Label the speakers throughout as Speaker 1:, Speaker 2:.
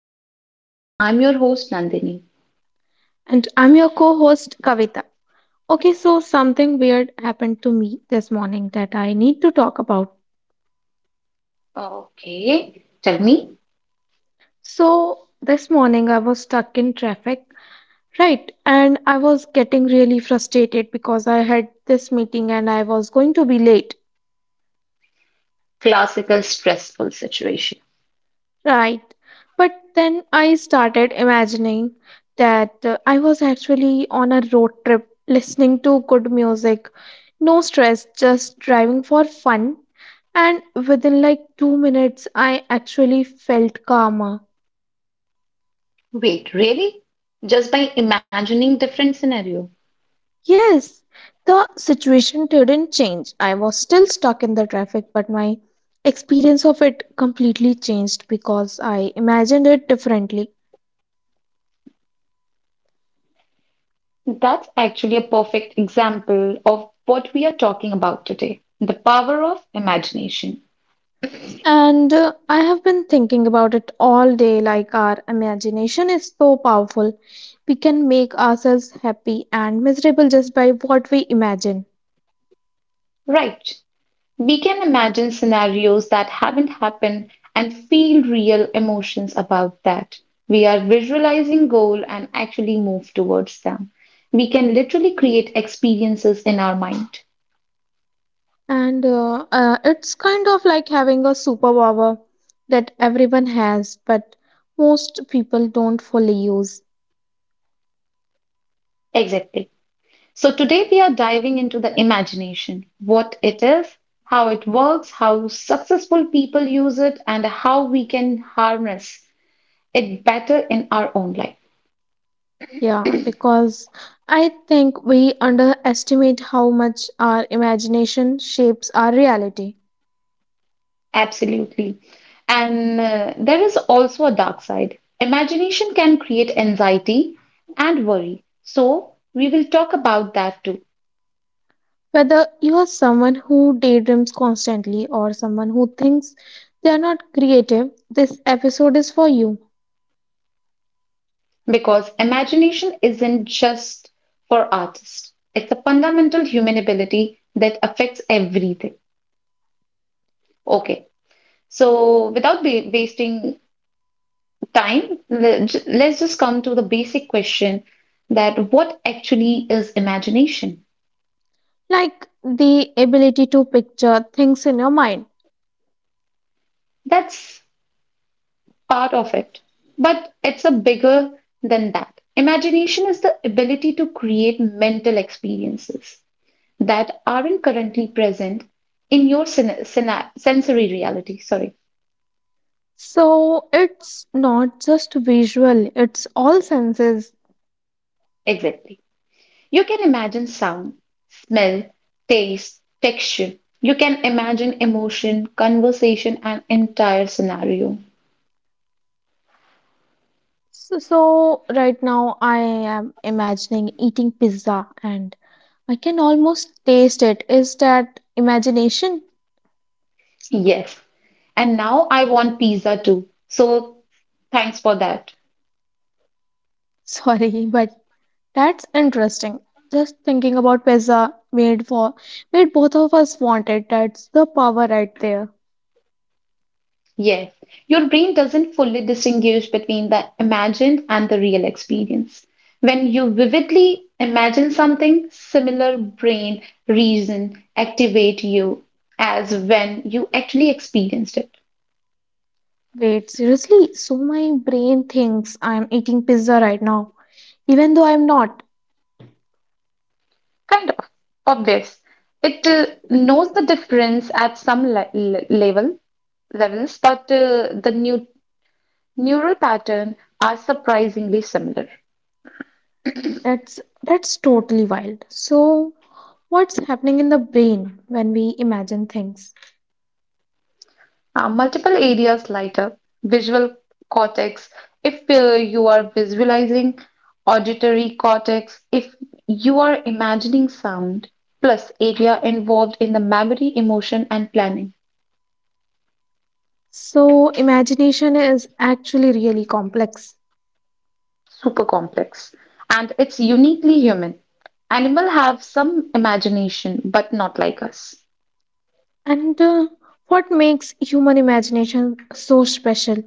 Speaker 1: to Mind Matters. I'm your host, Nandini.
Speaker 2: And I'm your co host, Kavita. Okay, so something weird happened to me this morning that I need to talk about.
Speaker 1: Okay, tell me
Speaker 2: So, this morning I was stuck in traffic, right? And I was getting really frustrated because I had this meeting and I was going to be late.
Speaker 1: classical stressful situation.
Speaker 2: Right. But then I started imagining that I was actually on a road trip listening to good music, no stress, just driving for fun. And within like 2 minutes, I actually felt calmer.
Speaker 1: Wait, really? Just by imagining different scenario.
Speaker 2: Yes, the situation didn't change. I was still stuck in the traffic, but my experience of it completely changed because I imagined it differently.
Speaker 1: That's actually a perfect example of what we are talking about today the power of imagination.
Speaker 2: And I have been thinking about it all day, like our imagination is so powerful. We can make ourselves happy and miserable just by what we imagine.
Speaker 1: Right. We can imagine scenarios that haven't happened and feel real emotions about that. We are visualizing goal and actually move towards them. We can literally create experiences in our mind.
Speaker 2: And It's kind of like having a superpower that everyone has, but most people don't fully use.
Speaker 1: Exactly. So today we are diving into the imagination, what it is, how it works, how successful people use it and how we can harness it better in our own life.
Speaker 2: Yeah, because I think we underestimate how much our imagination shapes our reality.
Speaker 1: Absolutely. And There is also a dark side. Imagination can create anxiety and worry. So, we will talk about that too,
Speaker 2: Whether you are someone who daydreams constantly or someone who thinks they are not creative, this episode is for you.
Speaker 1: because imagination isn't just for artists, it's a fundamental human ability that affects everything. Okay, so without wasting time, let's just come to the basic question that what actually is imagination?
Speaker 2: Like the ability to picture things in your mind.
Speaker 1: That's part of it. But it's a bigger than that. Imagination is the ability to create mental experiences that aren't currently present in your sensory reality. Sorry,
Speaker 2: So it's not just visual, it's all senses.
Speaker 1: exactly. You can imagine sound, smell, taste, texture. You can imagine emotion, conversation, and entire scenario.
Speaker 2: So right now I am imagining eating pizza and I can almost taste it. Is that imagination?
Speaker 1: Yes. And now I want pizza too. So thanks for that.
Speaker 2: Sorry, but that's interesting. Just thinking about pizza made both of us want it. That's the power right there.
Speaker 1: Yes, your brain doesn't fully distinguish between the imagined and the real experience. When you vividly imagine something, similar brain reason activate you as when you actually experienced it.
Speaker 2: Wait, seriously? So my brain thinks I'm eating pizza right now, even though I'm not.
Speaker 1: Kind of obvious. It knows the difference at some level levels, but the new neural pattern are surprisingly similar.
Speaker 2: That's totally wild. So what's happening in the brain when we imagine things?
Speaker 1: Multiple areas light up visual cortex if you are visualizing, auditory cortex if you are imagining sound, plus area involved in the memory, emotion, and planning.
Speaker 2: So imagination is actually really complex.
Speaker 1: Super complex. And it's uniquely human. Animal have some imagination, but not like us.
Speaker 2: And What makes human imagination so special?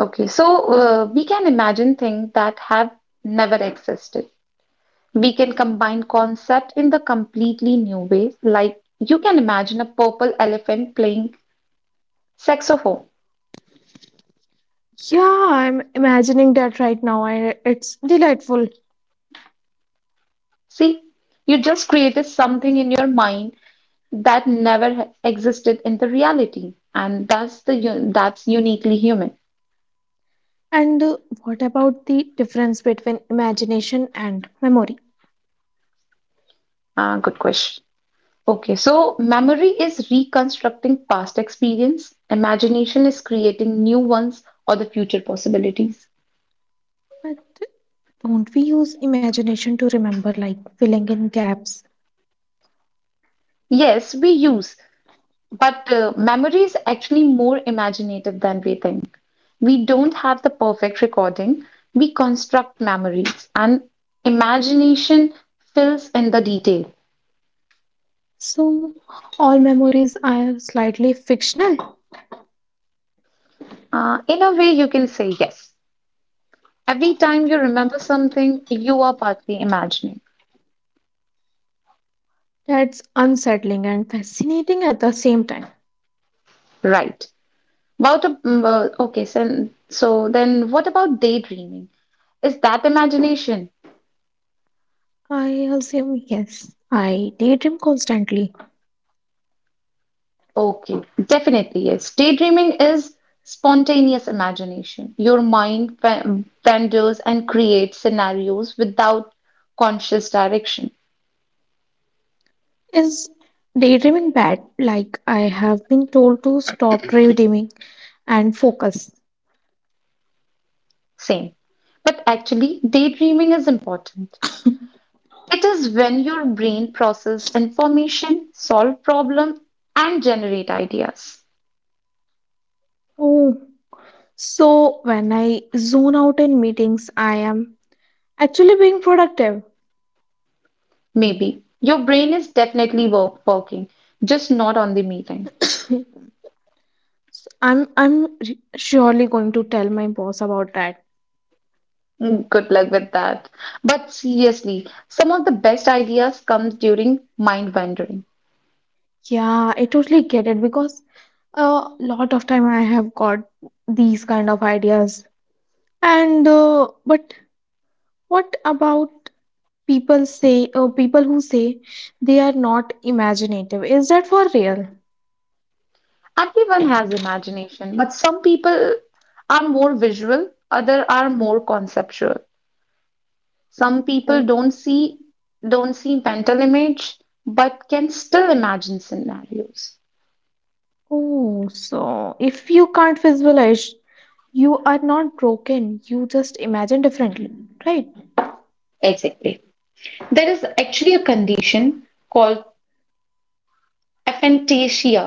Speaker 1: Okay, so we can imagine things that have never existed. We can combine concept in the completely new ways, like you can imagine a purple elephant playing saxophone.
Speaker 2: Yeah, I'm imagining that right now. I, it's delightful.
Speaker 1: See, you just created something in your mind that never existed in the reality, and that's that's uniquely human.
Speaker 2: And What about the difference between imagination and memory?
Speaker 1: Ah, good question. Okay, so memory is reconstructing past experience, imagination is creating new ones or the future possibilities.
Speaker 2: But don't we use imagination to remember, like filling in gaps?
Speaker 1: Yes, we use but memory is actually more imaginative than we think. We don't have the perfect recording, we construct memories, and imagination fills in the detail.
Speaker 2: So all memories are slightly fictional.
Speaker 1: In a way, you can say yes. Every time you remember something, you are partly imagining.
Speaker 2: That's unsettling and fascinating at the same time.
Speaker 1: Right. About a, mm, okay, so, so then what about daydreaming? Is that imagination?
Speaker 2: I assume yes, I daydream constantly.
Speaker 1: Okay, definitely yes. Daydreaming is spontaneous imagination. Your mind wanders and creates scenarios without conscious direction.
Speaker 2: Is daydreaming bad? Like I have been told to stop daydreaming and focus.
Speaker 1: Same. But actually, daydreaming is important. It is when your brain processes information, solve problem, and generate ideas.
Speaker 2: Oh, so when I zone out in meetings, I am actually being productive.
Speaker 1: Maybe your brain is definitely working, just not on the meeting.
Speaker 2: So surely going to tell my boss about that.
Speaker 1: Mm, good luck with that. But seriously, some of the best ideas comes during mind wandering.
Speaker 2: Yeah, I totally get it because a lot of time I have got these kind of ideas. And but what about people who say they are not imaginative? Is that for real?
Speaker 1: Everyone has imagination, but some people are more visual, other are more conceptual. Some people
Speaker 2: Oh,
Speaker 1: don't see mental image, but can still imagine scenarios.
Speaker 2: oh, so if you can't visualize, you are not broken, you just imagine differently, right?
Speaker 1: Exactly. There is actually a condition called aphantasia,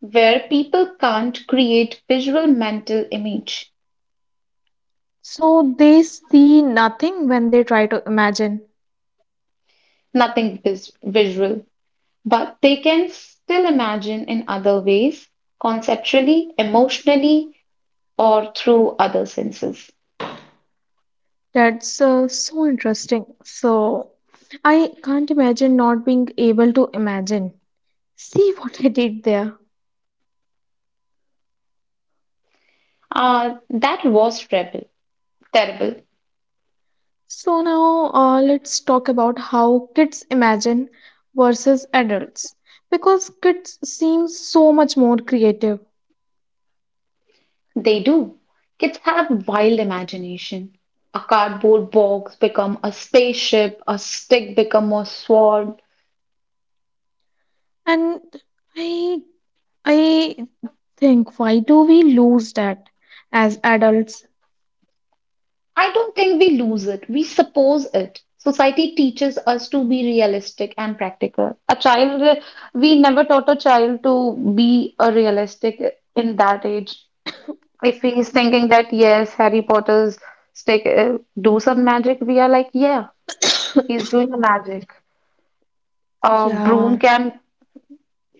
Speaker 1: where people can't create visual mental image
Speaker 2: So they see nothing when they try to imagine.
Speaker 1: nothing visual but they can still imagine in other ways, conceptually, emotionally, or through other senses.
Speaker 2: That's So interesting. So I can't imagine not being able to imagine. See what I did there?
Speaker 1: Ah, that was terrible. Terrible.
Speaker 2: So now, let's talk about how kids imagine versus adults, because kids seem so much more creative.
Speaker 1: They do. Kids have wild imagination. A cardboard box become a spaceship, a stick become a sword,
Speaker 2: And i I think, why do we lose that as adults?
Speaker 1: I don't think we lose it. We suppose it. Society teaches us to be realistic and practical. A child, we never taught a child to be a realistic in that age. If he is thinking that, yes, Harry Potter's stick do some magic, we are like, yeah, he's doing a magic. A broom
Speaker 2: Yeah,
Speaker 1: can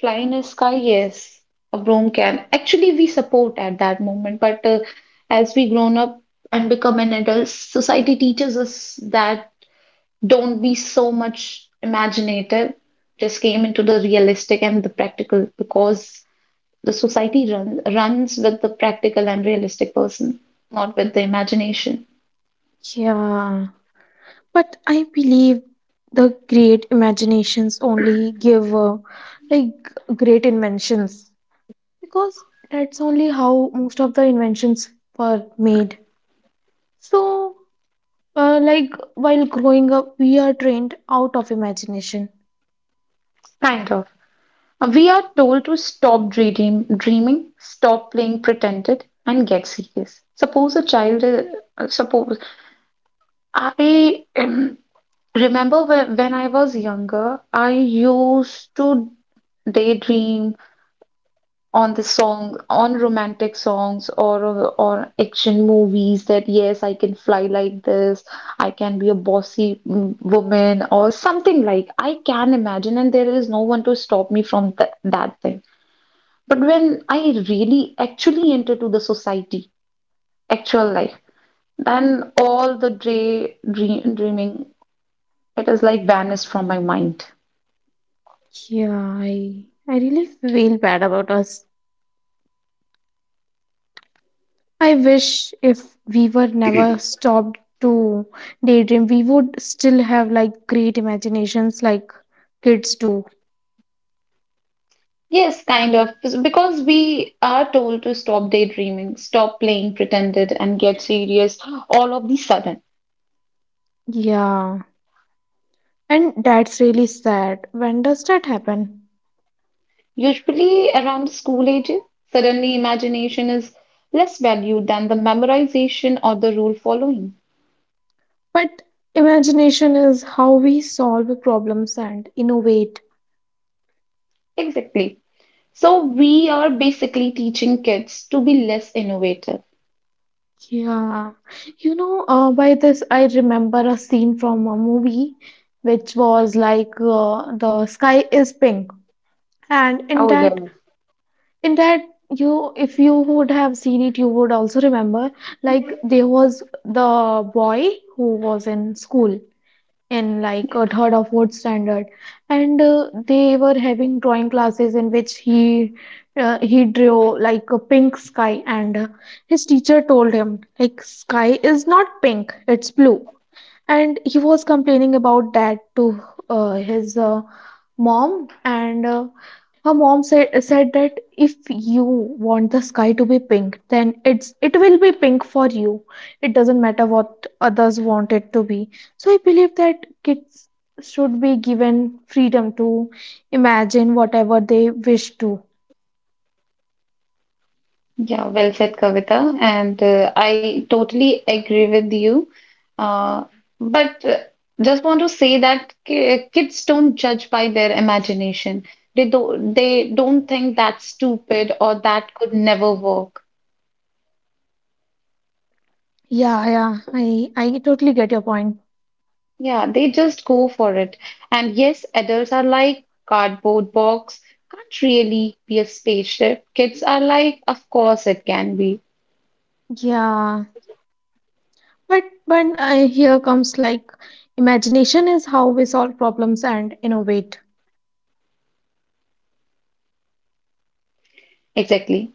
Speaker 1: fly in the sky, yes. A broom can. Actually, we support at that moment, but as we grown up and become an adult, society teaches us that don't be so much imaginative. Just came into the realistic and the practical because the society runs with the practical and realistic person, not with the imagination.
Speaker 2: yeah. But I believe the great imaginations only give like great inventions, because that's only how most of the inventions were made. So, like, while growing up, we are trained out of imagination.
Speaker 1: Kind of. We are told to stop dreaming, stop playing pretended, and get serious. Suppose a child, suppose I remember when I was younger, I used to daydream on the song on romantic songs or action movies that yes I can fly like this. I can be a bossy woman or something like I can imagine and there is no one to stop me from that thing, but when I really actually enter to the society actual life, then all the day dreaming it is like vanished from my mind.
Speaker 2: Yeah, I really feel bad about us. I wish if we were never stopped to daydream, we would still have like great imaginations like kids do.
Speaker 1: Yes, kind of. Because we are told to stop daydreaming, stop playing pretended, and get serious all of the sudden.
Speaker 2: Yeah. And that's really sad. When does that happen?
Speaker 1: Usually around school age, suddenly imagination is less valued than the memorization or the rule following.
Speaker 2: But imagination is how we solve problems and innovate.
Speaker 1: Exactly. So we are basically teaching kids to be less innovative.
Speaker 2: Yeah. You know, by this, I remember a scene from a movie which was like, The Sky is Pink. And in
Speaker 1: Oh,
Speaker 2: that, you, if you would have seen it, you would also remember, like, there was the boy who was in school in like a third or fourth standard, and they were having drawing classes in which he drew like a pink sky, and his teacher told him, like, sky is not pink, it's blue. And he was complaining about that to his mom, and her mom said that if you want the sky to be pink, then it will be pink for you. It doesn't matter what others want it to be. So I believe that kids should be given freedom to imagine whatever they wish to.
Speaker 1: yeah, well said, Kavita. And I totally agree with you. Uh, but Just want to say that kids don't judge by their imagination. They don't think that's stupid or that could never work.
Speaker 2: Yeah, yeah, I totally get your point.
Speaker 1: Yeah, they just go for it. And yes, adults are like cardboard box, can't really be a spaceship. Kids are like, of course it can be.
Speaker 2: Yeah, but here comes like, imagination is how we solve problems and innovate.
Speaker 1: Exactly.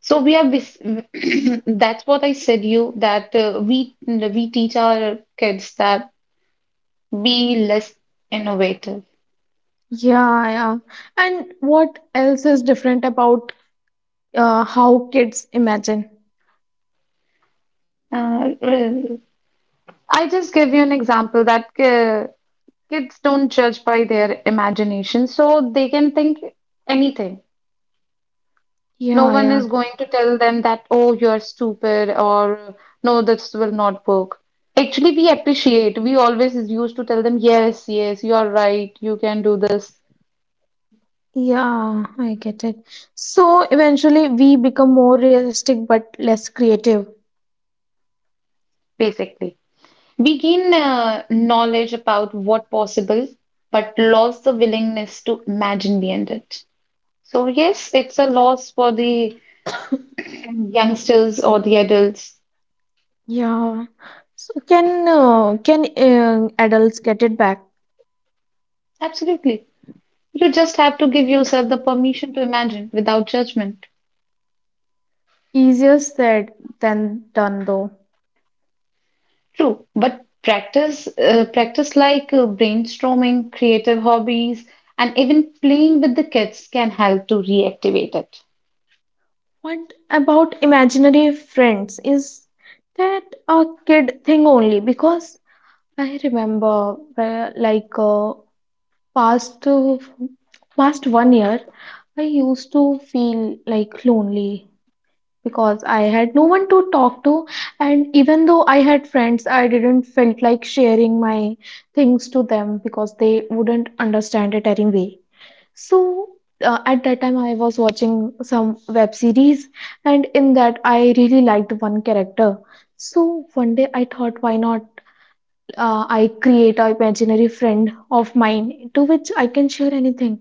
Speaker 1: So we are that's what I said you that we teach our kids that be less innovative.
Speaker 2: Yeah, yeah. And what else is different about how kids imagine.
Speaker 1: Uh, I just give you an example that kids don't judge by their imagination, so they can think anything. No
Speaker 2: Yeah,
Speaker 1: one
Speaker 2: yeah,
Speaker 1: is going to tell them that, oh, you're stupid or no, this will not work. Actually, we appreciate. We always used to tell them, yes, yes, you're right, you can do this,
Speaker 2: yeah, I get it. So eventually we become more realistic but less creative.
Speaker 1: basically. We gain knowledge about what possible, but lost the willingness to imagine beyond it. So yes, it's a loss for the youngsters or the adults.
Speaker 2: Yeah. So can adults get it back?
Speaker 1: Absolutely. You just have to give yourself the permission to imagine without judgment.
Speaker 2: Easier said than done, though.
Speaker 1: True, but practice like brainstorming, creative hobbies, and even playing with the kids can help to reactivate it.
Speaker 2: What about imaginary friends? Is that a kid thing only? Because I remember, past uh, past one year I used to feel like lonely, because I had no one to talk to, and even though I had friends, I didn't felt like sharing my things to them because they wouldn't understand it anyway. So at that time I was watching some web series, and in that I really liked one character. So one day I thought, why not I create a imaginary friend of mine, to which I can share anything,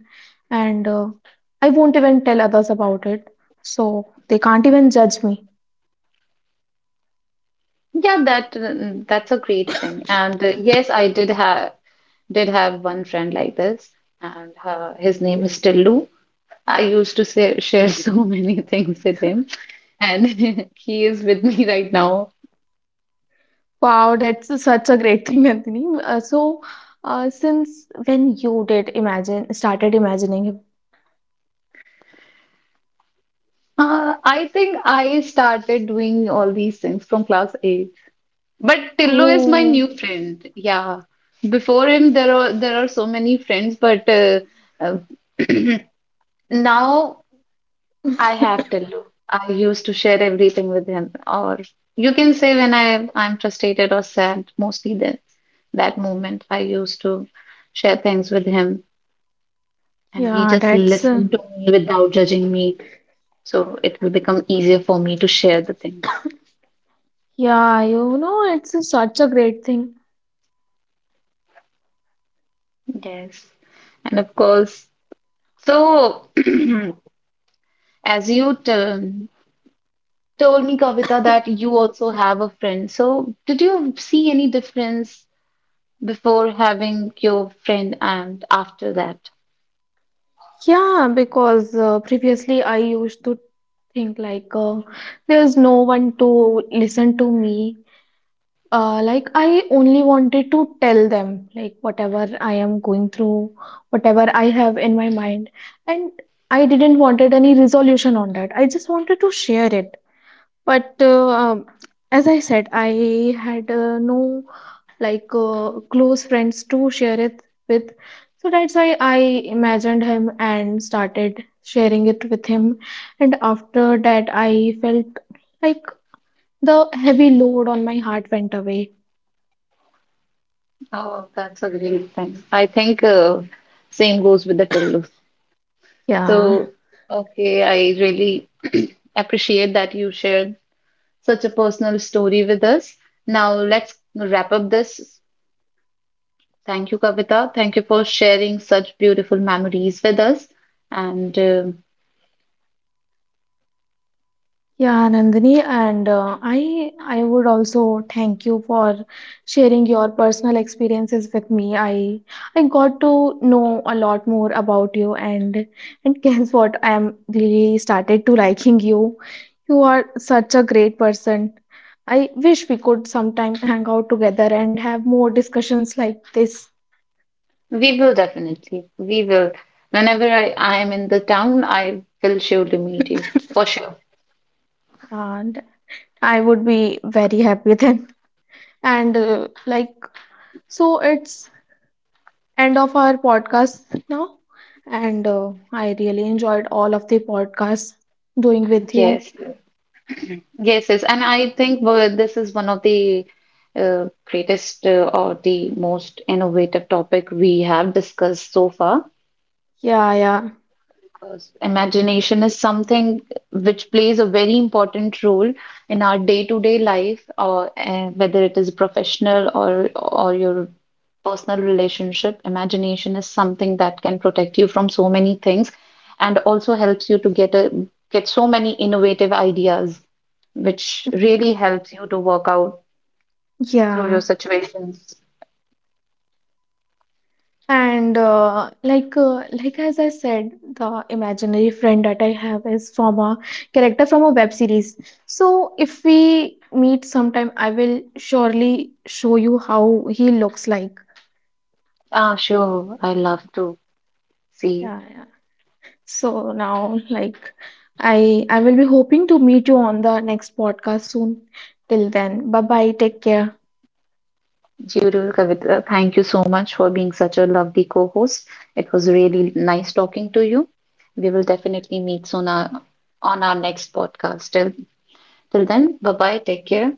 Speaker 2: and I won't even tell others about it, so they can't even judge me.
Speaker 1: Yeah, that's a great thing. And Yes, I did have one friend like this, and his name is Tillu. I used to say, share so many things with him, and he is with me right now.
Speaker 2: Wow, that's such a great thing, Nandini. So, since when you did imagine started imagining him?
Speaker 1: I think I started doing all these things from class eight. But Tillu is my
Speaker 2: Oh,
Speaker 1: new friend. Yeah, before him there are so many friends, but uh, now I have Tillu. I used to share everything with him, or you can say when I'm frustrated or sad, mostly then that moment I used to share things with him, and he
Speaker 2: yeah,
Speaker 1: just
Speaker 2: that's
Speaker 1: listened to me without judging me. So it will become easier for me to share the things.
Speaker 2: yeah, you know, it's such a great thing.
Speaker 1: Yes, and of course, so as told me, Kavita, that you also have a friend. So did you see any difference before having your friend and after that.
Speaker 2: Yeah, because previously I used to think like there's no one to listen to me. Like, I only wanted to tell them like whatever I am going through, whatever I have in my mind, and I didn't wanted any resolution on that. I just wanted to share it. But as I said, I had no like close friends to share it with, so that's why I imagined him and started sharing it with him. And after that, I felt like the heavy load on my heart went away.
Speaker 1: Oh, that's a great thing. I think same goes with the Tillu.
Speaker 2: Yeah.
Speaker 1: So, okay, I really appreciate that you shared such a personal story with us. Now, let's wrap up this. Thank you, Kavita. Thank you for sharing such beautiful memories with us. And
Speaker 2: Yeah, Nandini, and I would also thank you for sharing your personal experiences with me. I got to know a lot more about you, and guess what? I am really started to liking you. You are such a great person. I wish we could sometime hang out together and have more discussions like this,
Speaker 1: we will definitely, we will. Whenever I am in the town, I will surely meet you for sure.
Speaker 2: and I would be very happy then. And like So, it's end of our podcast now. And I really enjoyed all of the podcasts doing with you.
Speaker 1: Yes, Yes, yes, and I think well, this is one of the greatest or the most innovative topic we have discussed so far.
Speaker 2: Yeah, yeah,
Speaker 1: Because imagination is something which plays a very important role in our day-to-day life, or whether it is professional or your personal relationship. Imagination is something that can protect you from so many things and also helps you to get a get so many innovative ideas, which really helps you to work out through your
Speaker 2: yeah.
Speaker 1: situations.
Speaker 2: And like As I said, the imaginary friend that I have is from a character from a web series. So if we meet sometime, I will surely show you how he looks like.
Speaker 1: Ah, sure. I love to see
Speaker 2: Yeah, yeah. So now, like, I will be hoping to meet you on the next podcast soon. Till then, bye bye. Take care.
Speaker 1: you too, Kavita. Thank you so much for being such a lovely co-host. It was really nice talking to you. We will definitely meet soon on our next podcast. Till then, bye bye. Take care.